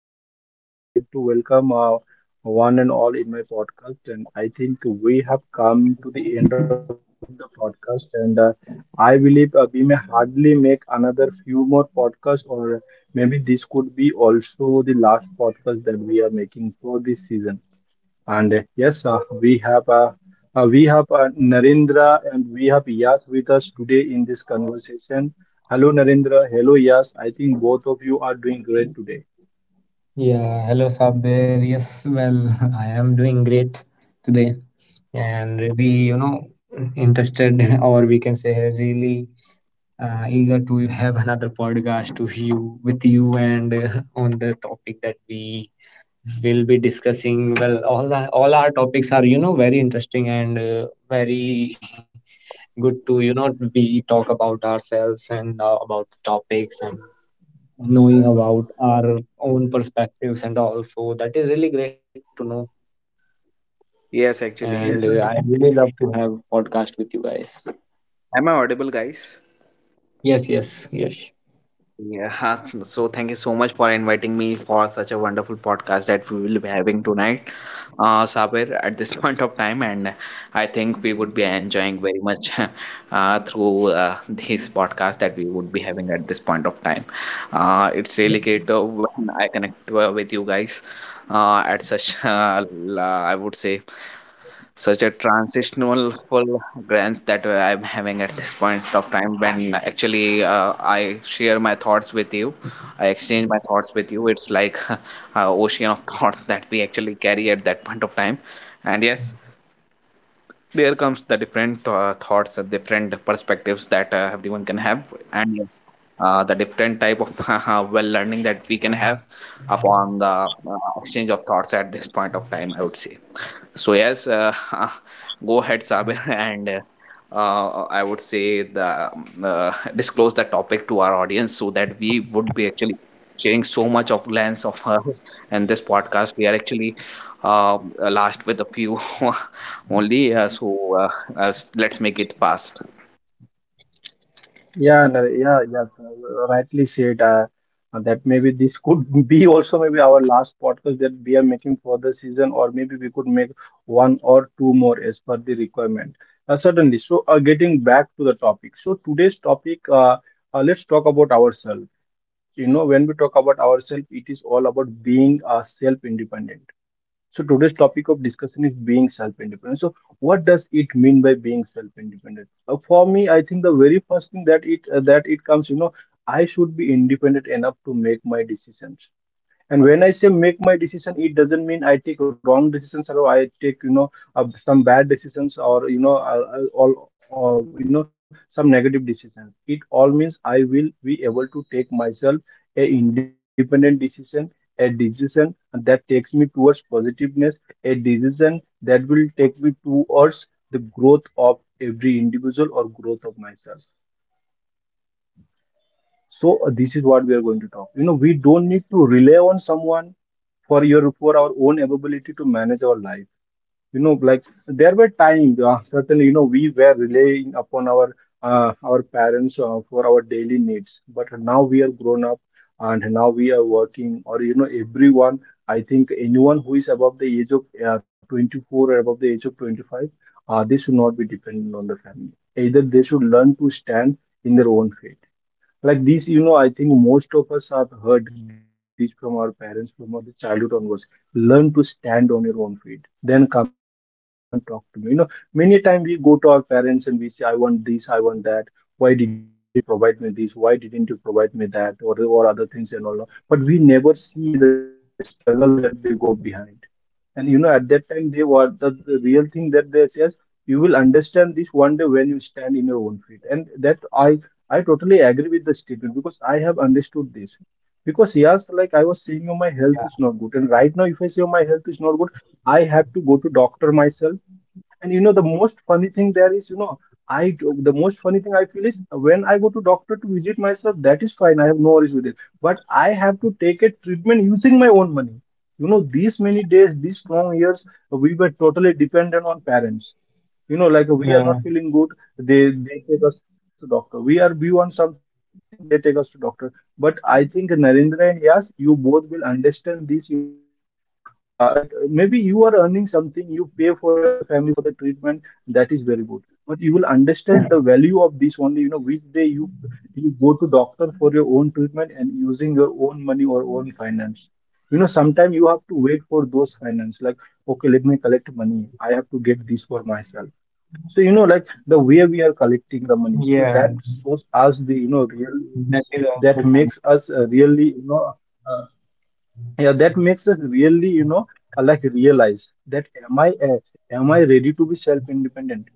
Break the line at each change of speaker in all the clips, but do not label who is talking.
Saber, and I would like to welcome one and all in my podcast. And I think we have come to the end of the podcast, and I believe we may hardly make another few more podcasts, or maybe this could be also the last podcast that we are making for this season. And yes, we have Narendra and we have Yas with us today in this conversation.
Hello.
Hello, Narendra. Hello, Yas. I think both of you are doing great today.
Yeah, hello Sabir. Yes, well, I am doing great today and really, you know, interested or we can say really eager to have another podcast to you with you and on the topic that we will be discussing. Well, all our topics are, you know, very interesting and very good to, you know, we talk about ourselves and about topics and knowing about our own perspectives and all. So that is really great to know. And
Yes,
I
actually,
really love
Yes,
to
sir.
have podcast with you guys.
am I audible, guys?
Yes, yes, yes.
Yeah. So thank you so much for inviting me for such a wonderful podcast that we will be having tonight, Sabir, at this point of time, and I think we would be enjoying very much through this podcast that we would be having at this point of time. It's really great when I connect with you guys at such, I would say such a transitional full glance that I'm having at this point of time when actually I share my thoughts with you. I exchange my thoughts with you. It's like a ocean of thoughts that we actually carry at that point of time. And yes, there comes the different thoughts, different perspectives that everyone can have. And yes, the different type of well learning that we can have upon the exchange of thoughts at this point of time, I would say. So yes, go ahead, Sabir, and I would say the disclose the topic to our audience so that we would be actually sharing so much of lens of us and this podcast. We are actually last with a few only, so let's make it fast.
Yeah, no, yeah, yeah. Rightly said. That maybe this could be also maybe our last podcast that we are making for season, or maybe we could make one or two more as per the requirement. Certainly. So, getting back to the topic. So today's topic, let's talk about ourselves. You know, when we talk about ourselves, it is all about being self-independent. So today's topic of being self-independent. So what does it mean by being self-independent? For me, I think the very first thing that it comes, you know, I should be independent enough to make my decisions. And when I say make my decision, it doesn't mean I take wrong decisions or I take, you know, some bad decisions or, you know, you know, some negative decisions. It all means I will be able to take myself a independent decision, a decision that takes me towards positiveness, a decision that will take me towards the growth of every individual or growth myself. So this is what we are going to talk. You know, we don't need to rely on someone for our own ability to manage our life. You know, like there were times certainly you know we were relying upon our parents for our daily needs, but now we are grown up and now we are working. Or you know, everyone I think anyone who is above the age of 24 or above the age of 25, they should not be dependent on the family. Either they should learn to stand in their own field like this. You know, I think most of us have heard this from our parents from our childhood onwards. Learn to stand on your own feet, then come and talk to me. You know, many a time we go to our parents and we say, I want this, I want that. Why didn't you provide me this? Why didn't you provide me that? Or other things and all. But we never see the struggle that they go behind. And you know, at that time, they were the real thing that they says, you will understand this one day when you stand in your own feet. And that I totally agree with the statement because I have understood this. Because yes, like I was saying, oh, my health is not good, and right now, if I
Yeah,
say oh, my health is not good, I have to go to doctor myself. And you know, the most funny thing there is, you know, I do- the most funny thing I feel is when I go to doctor to visit myself, that is fine. I have no worries with it. But I have to take a treatment using my own money. You know, these many days, these long years, we were totally dependent on parents. You know, like we are
yeah,
not feeling good, they take us to doctor. We want something, they take us to doctor. But I think Narendra and Yas, you both will understand this. You know, like maybe you are earning something, you pay for your family for the treatment, that is very good, but you will understand the value of this only you know which day you go to doctor for your own treatment and using your own money or own finance. You know sometimes you have to wait for those finance like, okay, let me collect, have to get this for myself. So you know, like the way we are collecting the money, so that
yeah.
shows us the, you know, real
That is
that
also kind.
makes us really you know uh, yeah, that makes us really, you know, like realize that am I ready to be self-independent?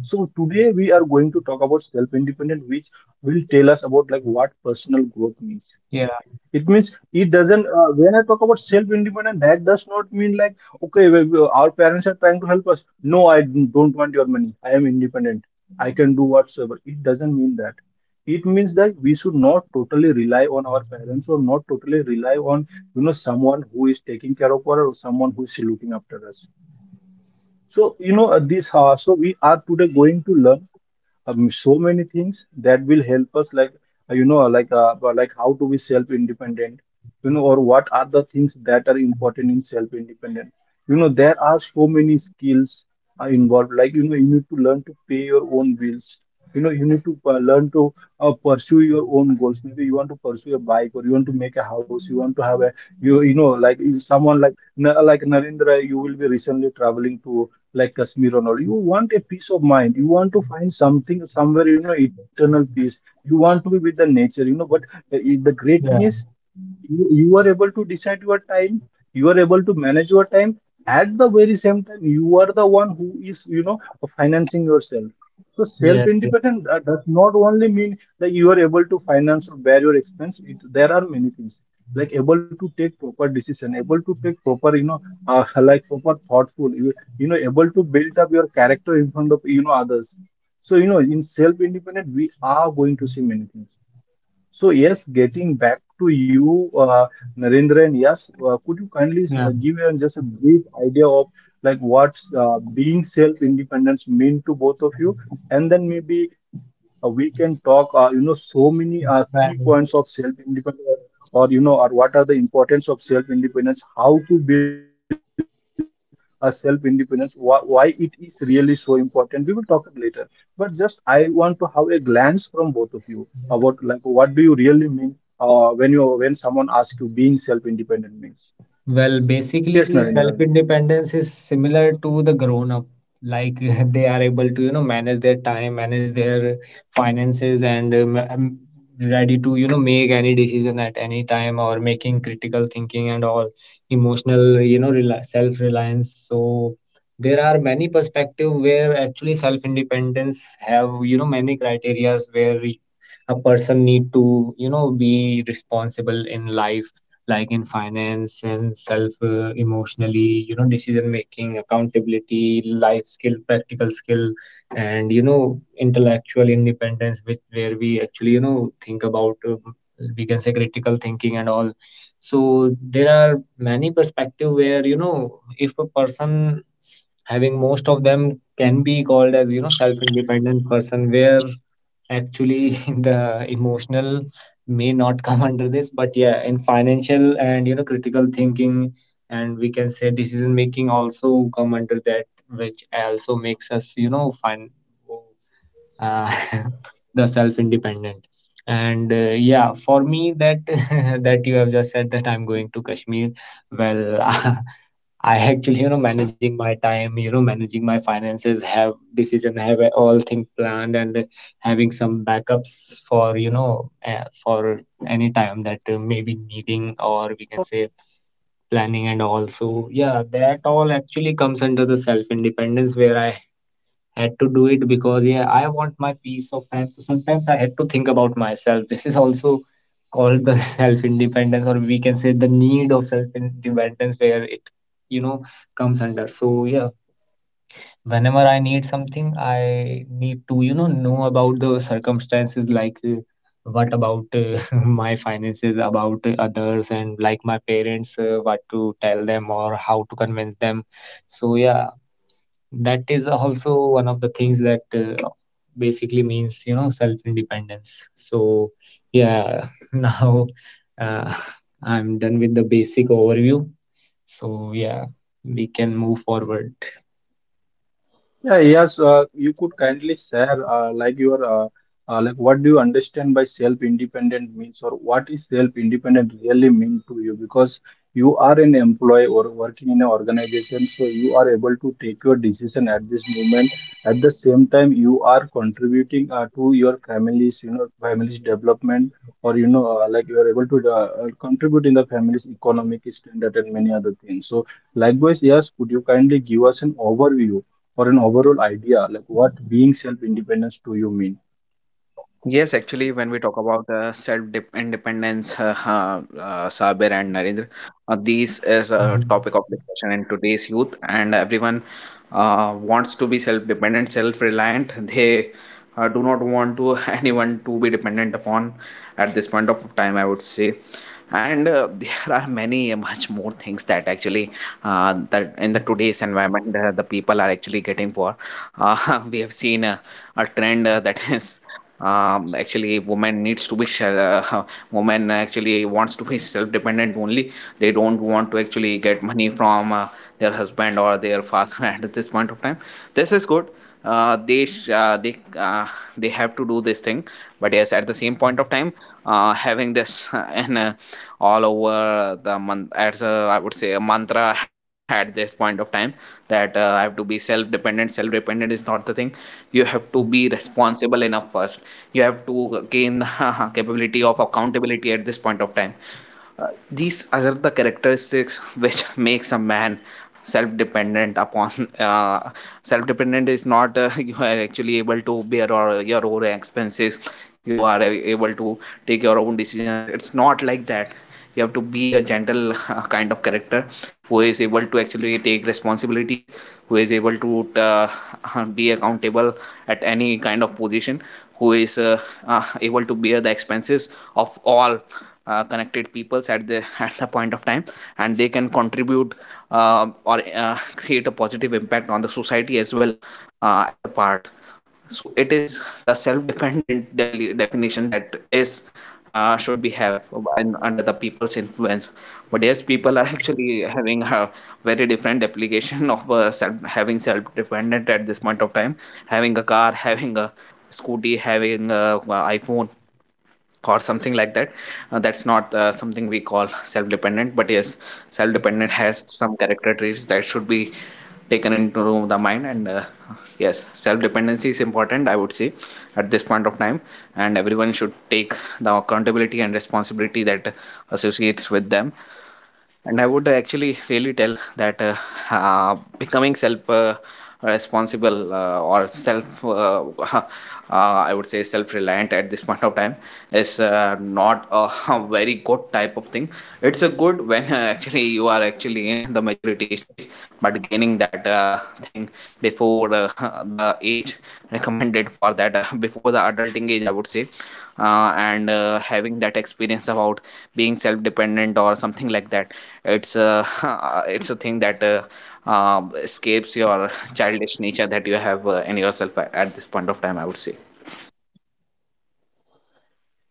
So today we are going to talk about self-independent, which will tell us about like what personal growth means.
Yeah,
It means it doesn't. When I talk about self-independence, that does not mean like, okay, our parents are trying to help us. No, I don't want your money. I am independent. I can do whatsoever. It doesn't mean that. It means that we should not totally rely on our parents or not totally rely on, you know, someone who is taking care of us or someone who is. So you know, this. So we are today going to learn so many things that will help us like, you know, like how to be self independent. You know, or what are the things that are important in self independent? You know there are so many skills are involved. Like you know, you need to learn to pay your own bills. You know you need to learn to pursue your own goals. Maybe you want to pursue a bike or you want to make a house, you want to have a, you know, like someone like like Narendra, you will be recently traveling to like Kashmir and all. You want a peace of mind. You want to find something somewhere, you know, eternal peace. You want to be with the nature, you know. But uh, the great thing
yeah,
is, you are able to decide your time, you are able to manage your time. At the very same time, you are the one who is, you know, financing yourself. So
yeah,
self
yes,
independent, that does not only mean that you are able to finance or bear your expense. It, there are many things like able to take proper decision, able to take proper, you know, like proper thoughtful, you,
Hello,
you know, able to build up
Narendra.
your
Are you able
character in
to
front
get
of,
my
you know,
voice?
others. So you know, in self independent we are going to see many things. So yes, getting back to you, Narendra, yes, could you kindly
yeah.
give just a brief idea of like what's being self-independence mean to both of you, and then maybe we can talk, you know, so many key points
Right.
of self-independence, or you know, or what are the importance of self-independence, how to build a self-independence, why it is really so important. We will talk it later, but just I want to have a glance from both of you about like what do you really mean when you when someone asks you being self-independent means.
Well,
Yes, Narendra.
basically, self-independence is similar to the grown-up. Like they are able to, you know, manage their time, manage their finances, and ready to, you know, make any decision at any time or making critical thinking and all emotional, you know, rela self-reliance. So there are many perspective where actually self-independence have, you know, many criterias where a person need to, you know, be responsible in life, like in finance and self emotionally, you know, decision making, accountability, life skill, practical skill, and you know, intellectual independence, which where we actually, you know, think about, we can say critical thinking and all. So there are many perspective where, you know, if a person having most of them can be called as, you know, self independent person, where actually, the emotional may not come under this, but yeah, in financial and you know critical thinking, and we can say decision making also come under that, which also makes us you know find uh, the self independent. And yeah, for me that that you have just said that I'm going to Kashmir. Well, I actually, you know, managing my time, you know, managing my finances, have decision, have a- all things planned, and having some backups for, you know, for any time that may be needing, or we can say planning and also, yeah, that all actually comes under the self independence, where I had to do it because yeah, I want my peace of time. So sometimes I had to think about myself. This is also called the self independence, or we can say the need of self independence where it, you know, comes under. So yeah, whenever I need something, I need to, you know about the circumstances, like what about my finances, about others, and like my parents, what to tell them or how to convince them. So yeah, that is also one of the things that basically means, you know, self-independence. So, yeah, now uh, I'm done with the basic overview. So, yeah, we can move forward.
Yeah, yes, you could kindly share like what do you understand by self-independent means or what is self-independent really mean to you? Because you are an employee or working in an organization, so you are able to take your decision at this moment. At the same time, you are contributing to your family's, you know, family's development or you know, like you are able to contribute in the family's economic standard and many other things. So likewise, yes, could you kindly give us an overview or an overall idea like what being self independence to you mean?
Yes, actually, when we talk about self-independence, Sabir and Narendra, these is a topic of discussion in today's youth, and everyone wants to be self-dependent, self-reliant. They do not want to anyone to be dependent upon at this point of time, I would say. And there are many much more things that actually that in the today's environment the people are actually getting for. Uh, we have seen a trend that is actually woman needs to be uh, woman actually wants to be self-dependent only. They don't want to actually get money from their husband or their father at this point of time. This is good. They they have to do this thing, but yes, at the same point of time, having this and all over the month as a, I would say a mantra at this point of time that I have to be self dependent. Self dependent is not the thing. You have to be responsible enough first. You have to gain the capability of accountability at this point of time. These are the characteristics which makes a man self-dependent upon. uh, Self-dependent is not you are actually able to bear or your own expenses, you are able to take your own decisions. It's not like that. You have to be a gentle kind of character who is able to actually take responsibilities, who is able to be accountable at any kind of position, who is able to bear the expenses of all connected peoples at the at the point of time, and they can contribute or create a positive impact on the society as well as a part. So it is the self-dependent definition that is should be have in, under the people's influence. But yes, people are actually having a very different application of self, having self-dependent at this point of time. Having a car having a scooty, having a, iPhone or something like that. That's not something we call self-dependent, but yes, self-dependent has some character traits that should be taken into the mind. And yes, self-dependency is important, I would say, at this point of time. And everyone should take the accountability and responsibility that associates with them. And I would actually really tell that becoming self responsible or self uh, I would say self reliant at this point of time is not a very good type of thing. It's a good when actually you are actually in the maturity stage, but gaining that thing before the age recommended for that, before the adulting age I would say, and having that experience about being self-dependent or something like that, it's a it's a thing that escapes your childish nature that you have in yourself at this point of time I would say.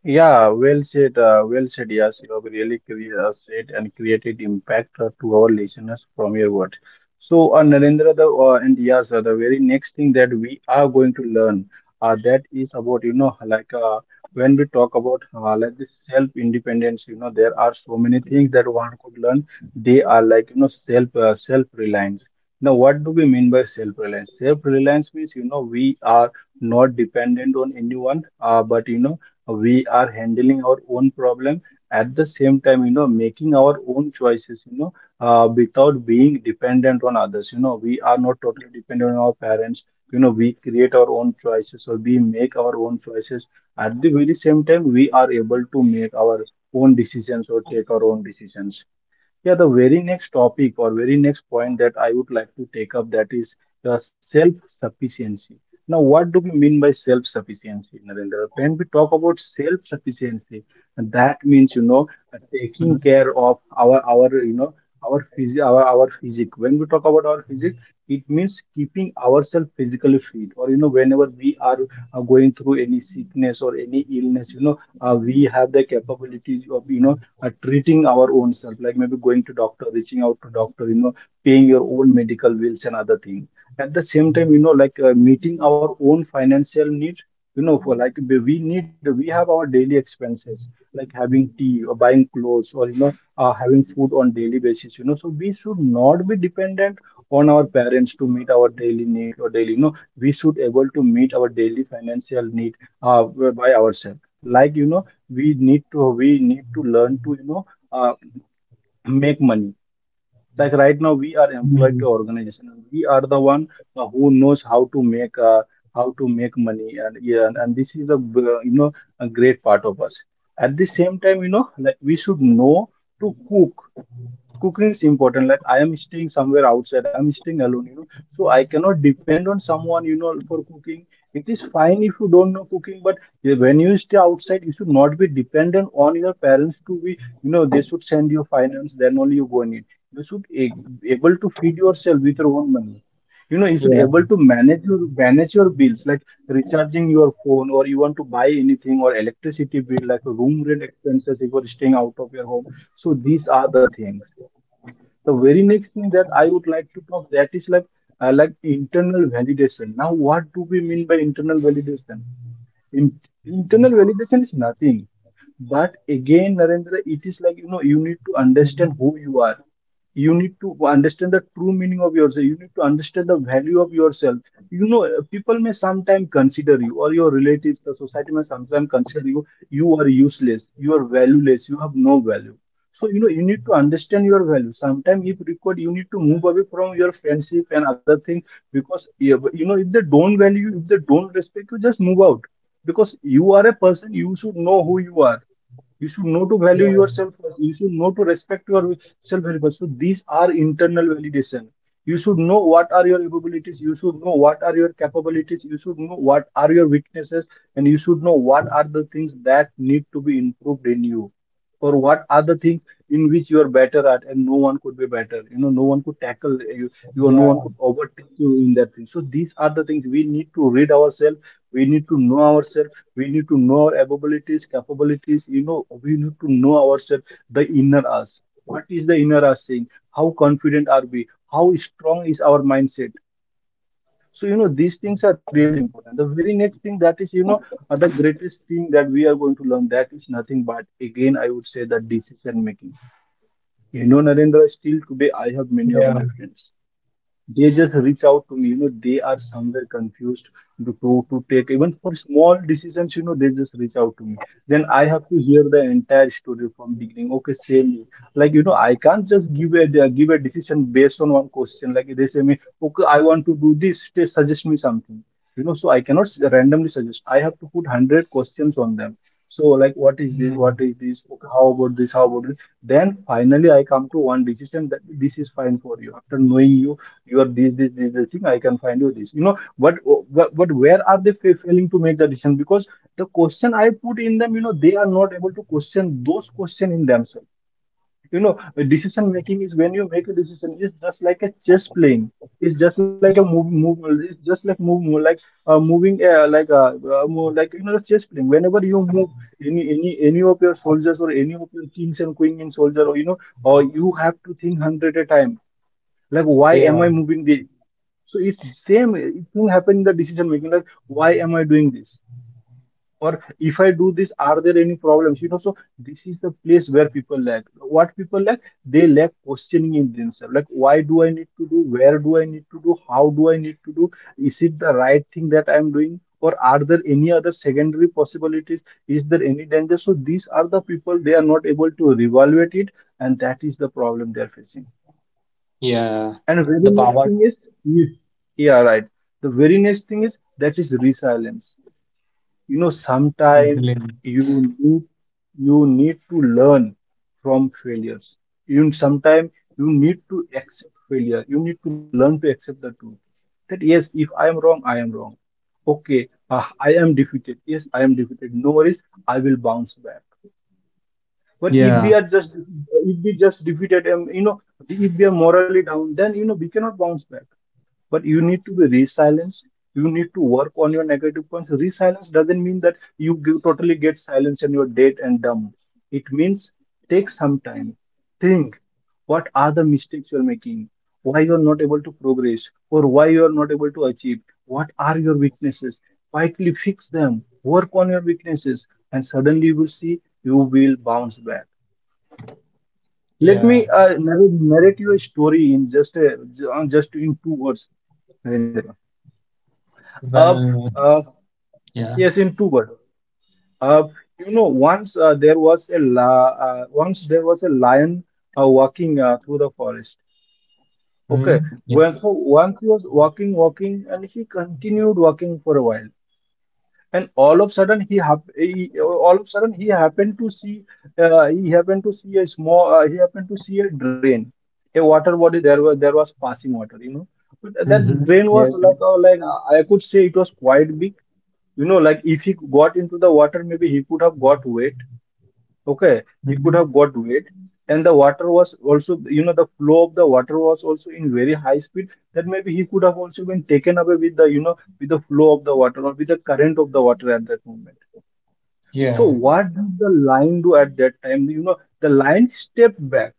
Yeah, well said. Well said. Yes, you have really said and created impact to our listeners from your word. So, Narendra, and yes, the very next thing that we are going to learn that is about, you know, when we talk about, like this self independence, you know there are so many things that one could learn. They are like, you know, self reliance. Now, what do we mean by self reliance? Self reliance means, you know, we are not dependent on anyone, but you know we are handling our own problem. At the same time, you know, making our own choices, you know, without being dependent on others. You know we are not totally dependent on our parents. You know we create our own choices or we make our own choices. At the very same time, we are able to make our own decisions or take our own decisions. Yeah, the very next topic or very next point that I would like to take up, that is the self-sufficiency. Now, what do we mean by self-sufficiency, Narendra? When we talk about self-sufficiency, that
Mhm.
means taking care of our our phys our physique. When we talk about our physique, it means keeping ourselves physically fit, or whenever we are going through any sickness or any illness, we have the capabilities of treating our own self, like maybe going to doctor, reaching out to doctor, paying your own medical bills and other things. At the same time, like meeting our own financial needs, for like we have our daily expenses like having tea or buying clothes, or having food on daily basis. So we should not be dependent on our parents to meet our daily need, or daily we should able to meet our daily financial need uh, by ourselves. Like we need to learn to uh, make money. Like right now we are employed to
Mm.
organization, and we are the one who knows how to make money. And yeah, and this is the a great part of us. At the same time, like we should know to cook. Cooking is important. Like I am staying somewhere outside, I'm staying alone, so I cannot depend on someone, for cooking. It is fine if you don't know cooking, but yeah, when you stay outside you should not be dependent on your parents to be, they should send you finance, then only you go and eat. You should able to feed yourself with your own money. You should
Yeah,
able to manage your bills, like recharging your phone, or you want to buy anything, or electricity bill, like room rent expenses if you're staying out of your home. So these are the things. The very next thing that I would like to talk, that is like uh, like internal validation. Now what do we mean by internal validation? In, Internal validation is nothing but, again, Narendra, it is like, you need to understand who you are. You need to understand the true meaning of yourself. You need to understand the value of yourself. People may sometimes consider you, or your relatives, the society may sometimes consider you, you are useless, you are valueless, you have no value. So, you need to understand your value. Sometimes, if required, you need to move away from your friendship and other things because, yeah, but, if they don't value you, if they don't respect you, just move out, because you are a person, you should know who you are, you should know to
yeah,
value yourself. You should know to respect yourself very much. So these are internal validation. You should know what are your abilities. You should know what are your capabilities. You should know what are your weaknesses, and you should know what are the things that need to be improved in you, or what are the things in which you are better at, and no one could be better. No one could tackle you. You or
yeah,
no one could overtake you in that thing. So these are the things we need to read ourselves. We need to know ourselves, we need to know our abilities,
Yes,
capabilities.
actually,
We need to know ourselves,
Sabir,
the
am I
inner
audible to
us.
you?
What is the inner us saying? How confident are we? How strong is
Hello,
our mindset?
hello.
So these
हाँ
things are really important. The very next thing,
क्या
that is, the greatest thing that we are going to
नहीं
learn, that is nothing but, again, I would say that
आजा
decision
पाँच
making.
दस minute ही हूँ।
Narendra, still today I
हाँ
have
अभी बस
many
yeah,
of
पाँच
my
दस मिनट
friends,
होने का बताओ।
they just reach out to me, they are somewhere confused to
क्या
take even for small decisions. They
हाँ।
just reach out to me, then I have to hear the entire story from beginning. Okay, same here. Like I can't just give a give a decision based on one question. Like they say me, okay, I want to do this, they suggest me something. So I cannot randomly suggest, I have to put 100 questions on them. So like, what is this,
Mm.
what is this, okay, how about this, how about this. Then finally I come to one decision that this is fine for you, after knowing you. You are this this this, this thing, I can find you this, what what. But where are they failing to make the decision? Because the question I put in them, they are not able to question those question in themselves. you know Decision making is, when you make a decision, it's just like a chess playing. It's just like a move, it's just like move like you the chess playing, whenever you move any of your soldiers, or any of your kings and queen and soldier, or or you have to think hundred a time, like why am
Yeah,
I moving this. So it's same. It will happen in the decision making. Like, why am I doing this? Or if I do this, are there any problems? So this is the place where people lack. What people lack, they lack questioning in themselves. Like, why do I need to do? Where do I need to do? How do I need to do? Is it the right thing that I'm doing? Or are there any other secondary possibilities? Is there any danger? So these are the people, they are not able to evaluate it, and that is the problem they are facing.
yeah.
And very
The
next
power.
thing is, you- yeah, right. The very next thing is, that is resilience.
To
Sometime
blame.
you need, you need to learn from failures. You sometime you need to accept failure. You need to learn to accept the truth. That yes, if I am wrong, I am wrong. Okay, I am defeated. Yes, I am defeated. No worries, I will bounce back. But if
Yeah,
we are just, if we just defeated them, if we are morally down, then we cannot bounce back. But you need to be re, you need to work on your negative points. Resilience doesn't mean that you totally get silenced and you're dead and dumb. It means take some time, think, what are the mistakes you're making, why you're not able to progress, or why you're not able to achieve, what are your weaknesses, quietly fix them, work on your weaknesses, and suddenly you will see you will bounce back. Let
yeah.
me narrate you a story in just in two words. Narendra. Up,
Well,
uh,
yeah.
yes, in two words. Up. You know, once there was a once there was a lion walking through the forest.
Mm.
Okay, well,
Yeah.
so once he was walking, walking, and he continued walking for a while, and all of sudden he, he all of sudden he happened to see, he happened to see a small he happened to see a drain, a water body. There was passing water, but that
Mm-hmm.
drain
Yeah.
was like I could say it was quite big. Like if he got into the water, maybe he could have got wet. Okay, he could
Mhm.
have got wet, and the water was also, the flow of the water was also in very high speed, that maybe he could have also been taken away with the, with the flow of the water, or with the current of the water at that moment. So
Yeah.
what did the lion do at that time? You know, the lion stepped back.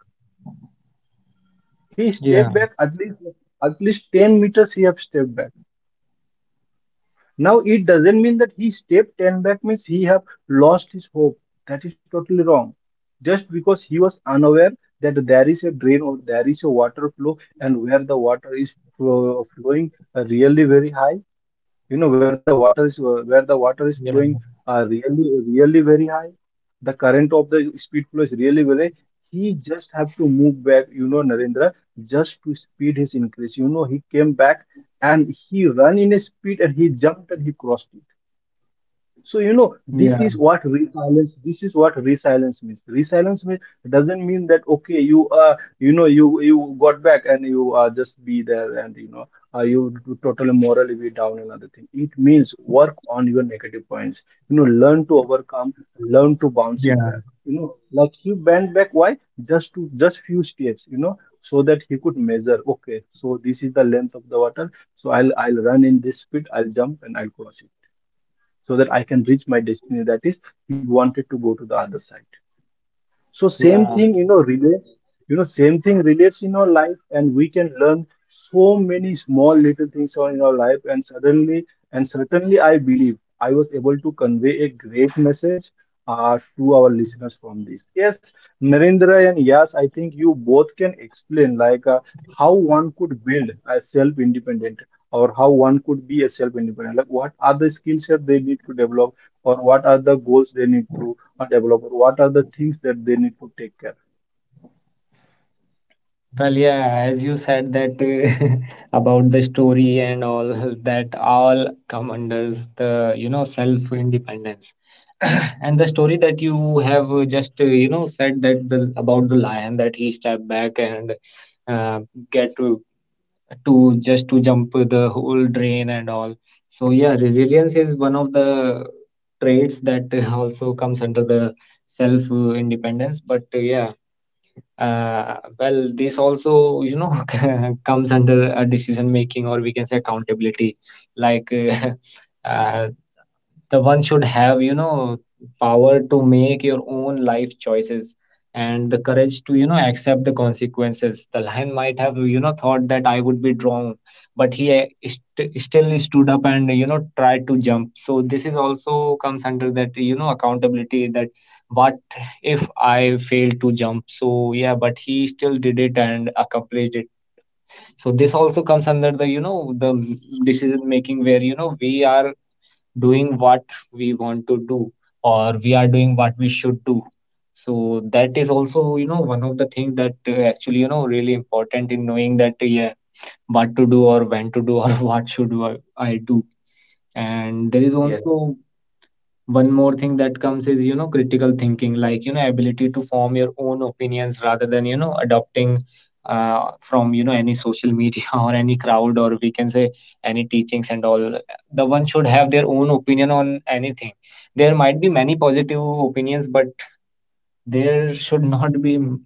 He
Yeah.
stepped back at least, 10 meters he have stepped back. Now it doesn't mean that he stepped 10 back means he have lost his hope. That is totally wrong. Just because he was unaware that there is a drain, or there is a water flow, and where the water is flowing really very high, where the water is
Yeah.
flowing really really very high, the current of the speed flow is really very high, he just have to move back, Narendra, just to speed his increase, he came back, and he run in a speed, and he jumped, and he crossed it. So, you know,
Yeah.
this is what resilience, this is what resilience means. Resilience means doesn't mean that okay, you you know you got back and you just be there and you know you totally morally be down and other thing. It means work on your negative points. You know, learn to overcome, learn to bounce
Yeah.
it back. You know, like he bent back why? Just to just few steps, you know, so that he could measure, okay, so this is the length of the water, so I'll run in this speed, I'll jump and I'll cross it so that I can reach my destiny. That is, he wanted to go to the other side. So same
Yeah,
thing, you know, relates, you know, same thing relates in our life, and we can learn so many small little things on in our life, and certainly, I believe I was able to convey a great message to our listeners from this. Yes, Narendra and Yas, I think you both can explain like how one could build a self-independent or how one could be a self-independent. Like what are the skill set they need to develop, or what are the goals they need to a developer what are the things that they need to take care.
well, yeah, as you said that about the story and all, that all come under the, you know, self-independence. And the story that you have just, you know, said that the about the lion that he stepped back and uh, get to just to jump the whole drain and all. So yeah, resilience is one of the traits that also comes under the self-independence. But yeah. Well, this also, you know, comes under a decision making, or we can say accountability. Like the one should have, you know, power to make your own life choices and the courage to, you know, accept the consequences. The lion might have, you know, thought that I would be drawn, but he still stood up and, you know, tried to jump. So this is also comes under that, you know, accountability that what if I failed to jump? So yeah, but he still did it and accomplished it. So this also comes under the, you know, the decision making, where, you know, we are doing what we want to do, or we are doing what we should do. So that is also, you know, one of the things that actually, you know, really important in knowing that, yeah, what to do or when to do or what should I do. And there is also one more thing that comes is, you know,
Yes,
critical thinking, like, you know, ability to form your own opinions rather than, you know, adopting from, you know, any social media or any crowd, or we can say any teachings and all. The one should have their own opinion on anything. There might be many positive opinions, but there should not be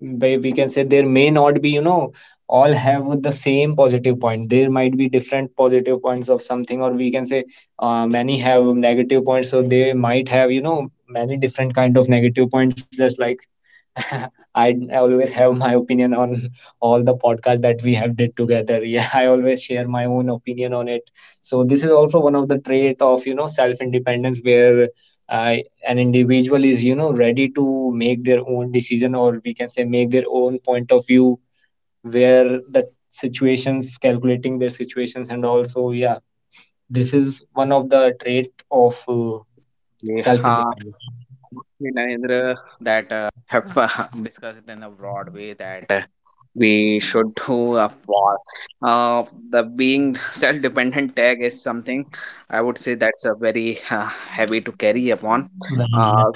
where we can say there may not be, you know, all have the same positive point. There might be different positive points of something, or we can say many have negative points, so they might have, you know, many different kind of negative points, just like I always have my opinion on all the podcast that we have did together. Yeah, I always share my own opinion on it. So this is also one of the trait of, you know, self independence, where uh, an individual is, you know, ready to make their own decision, or we can say make their own point of view, where the situations, calculating their situations. And also yeah, this is one of the trait of self
we
independence.
have Narendra that have discussed it in a broad way that we should do for uh, the being self-dependent tag is something I would say that's a very heavy to carry upon. Uh,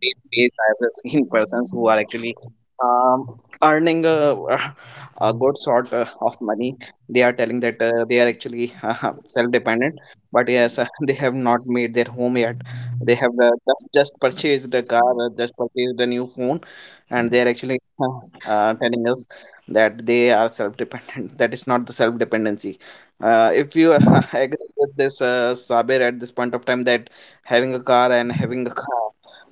these days I have seen persons who are actually um, earning a good sort of money. They are telling that they are actually self-dependent, but yes, they have not made their home yet. They have just a car, just purchased a new phone, and they are actually telling us that they are self-dependent. That is not the self-dependency. If you agree with this, Sabir, at this point of time, that having a car and having a car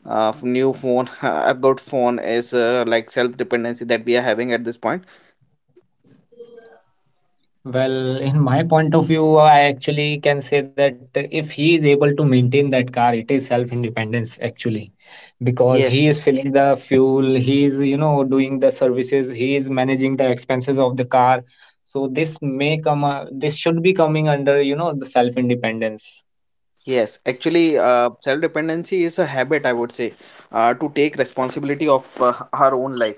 new phone a good phone is like self-dependency that we are having at this point.
Well, in my point of view, I actually can say that if he is able to maintain that car, it is self independence actually, because
Yes.
he is filling the fuel, he is, you know, doing the services, he is managing the expenses of the car. So this may come, this should be coming under, you know, the self independence.
Yes, actually, self-dependency is a habit, I would say, to take responsibility of her own life,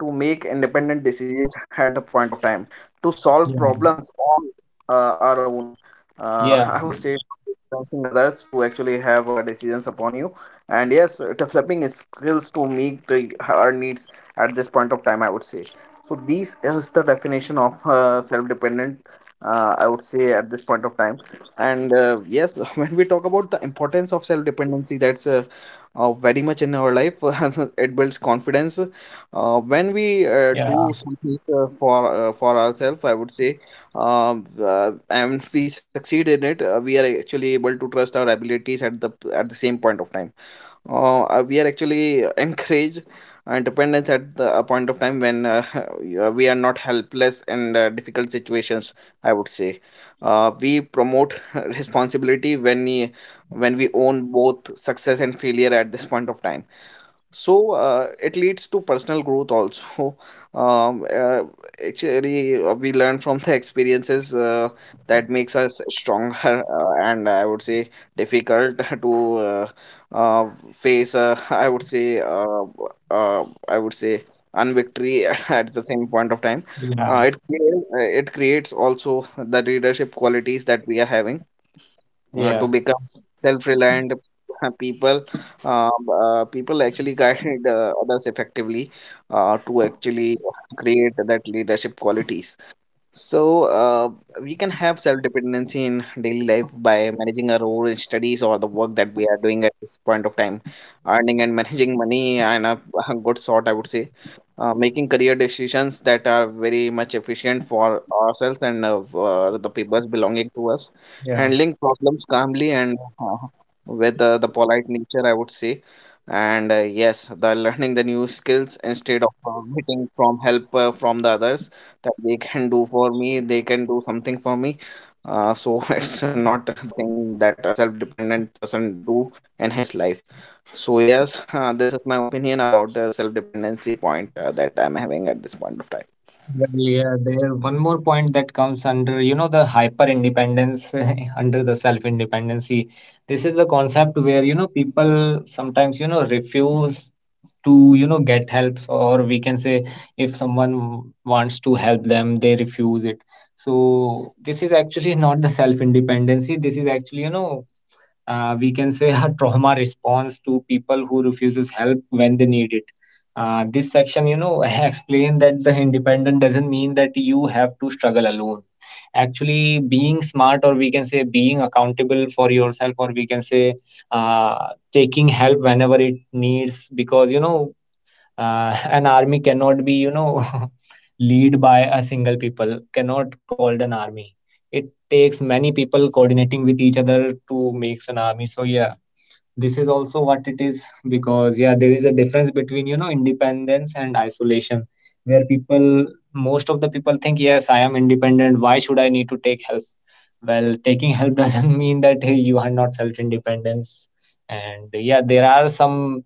to make independent decisions at the point of time, to solve
Yeah,
problems on our own.
yeah,
I would say, influencing others to actually have decisions upon you, and yes, developing is skills to meet the, her needs at this point of time, I would say. So, this is the definition of self-dependent, I would say, at this point of time. And yes, when we talk about the importance of self dependency, that's very much in our life. It builds confidence when
yeah,
we do something for for ourselves I would say. And we succeed in it, we are actually able to trust our abilities at the same point of time. We are actually encourage independence at the, a point of time when yeah, we are not helpless in difficult situations, I would say. We promote responsibility when we own both success and failure at this point of time. So it leads to personal growth also. Um, uh, Actually, we learn from the experiences that makes us stronger, and I would say difficult to face. I would say unvictory at the same point of time.
yeah,
It creates also the leadership qualities that we are having to
yeah.
become self-reliant people, uh, people actually guide others effectively to actually create that leadership qualities. So, we can have self-dependency in daily life by managing our own studies or the work that we are doing at this point of time, earning and managing money and a good sort, I would say, making career decisions that are very much efficient for ourselves and for the peoples belonging to us,
Yeah.
handling problems calmly and with the polite nature, I would say. And yes, the learning the new skills instead of waiting from help from the others that they can do for me, they can do something for me. So it's not the thing that a self-dependent person do in his life. So yes, this is my opinion about the self-dependency point that I'm having at this point of time.
Well, yeah, there one more point that comes under, you know, the hyper independence, under the self independency. This is the concept where, you know, people sometimes, you know, refuse to, you know, get help, or we can say if someone wants to help them, they refuse it. So this is actually not the self independency. This is actually, you know, we can say a trauma response to people who refuses help when they need it. Uh, this section, you know, explain that the independent doesn't mean that you have to struggle alone, actually being smart, or we can say being accountable for yourself, or we can say taking help whenever it needs, because you know, an army cannot be, you know, lead by a single people, cannot called an army. It takes many people coordinating with each other to makes an army. So yeah, this is also what it is, because yeah, there is a difference between, you know, independence and isolation, where people, most of the people think, yes, I am independent, why should I need to take help? Well, taking help doesn't mean that hey, you are not self independence. And yeah, there are some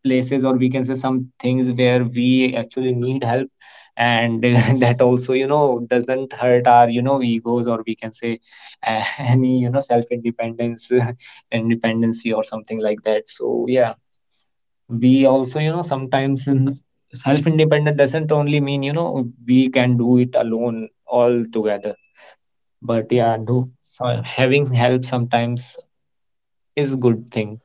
places, or we can say some things, where we actually need help, and that also, you know, doesn't hurt our, you know, egos, or we can say any, you know, self independence independency or something like that. So yeah, we also, you know, sometimes in self-independent doesn't only mean, you know, we can do it alone all together. But yeah, do so having help sometimes is good thing.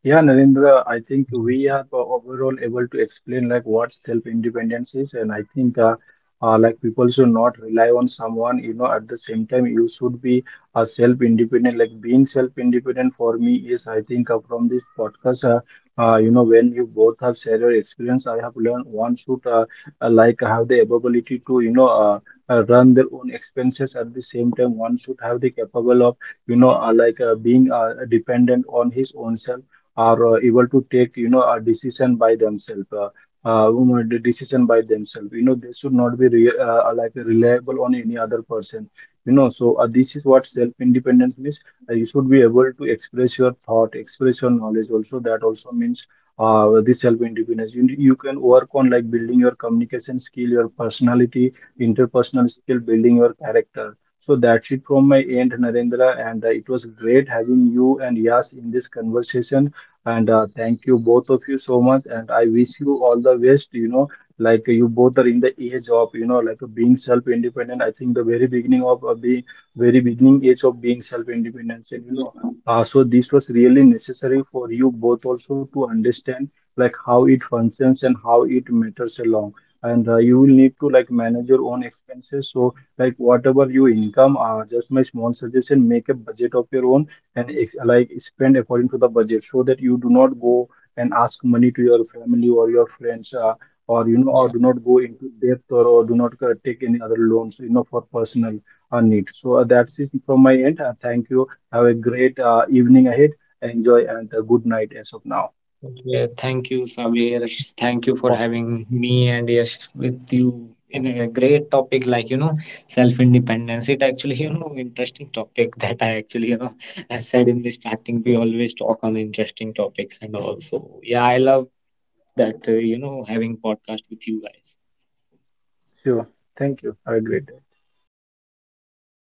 Yeah, Narendra, I think we are overall able to explain like what self-independence is, and I think like people should not rely on someone. You know, at the same time, you should be a self-independent. Like being self-independent for me is, I think, from this podcast. You know, when you both have shared your experience, I have learned one should like have the ability to you know run their own expenses. At the same time, one should have the capable of you know like being dependent on his own self are able to take you know a decision by themselves you know, the decision by themselves you know they should not be like reliable on any other person you know so this is what self independence means. You should be able to express your thought express your knowledge also that also means this self independence you can work on like building your communication skill your personality interpersonal skill building your character so that's it from my end, Narendra, and it was great having you and Yas in this conversation. And thank you both of you so much. And I wish you all the best. You know, like you both are in the age of you know like being self-independent. I think the very beginning of being very beginning age of being self-independence. And you know, so this was really necessary for you both also to understand like how it functions and how it matters along. And you will need to like manage your own expenses. So like whatever you income, just my small suggestion, make a budget of your own and like spend according to the budget so that you do not go and ask money to your family or your friends or you know or do not go into debt or do not take any other loans you know for personal need so that's it from my end, thank you, have a great evening ahead, enjoy and good night as of now.
Yeah, thank you, Sabir. Thank you for having me and Yash with you in a great topic like, you know, self-independence. It actually, you know, interesting topic that I actually, you know, I said in the starting, we always talk on interesting topics. And also, yeah, I love that, you know, having podcast with you guys.
Sure, thank you, have a great day.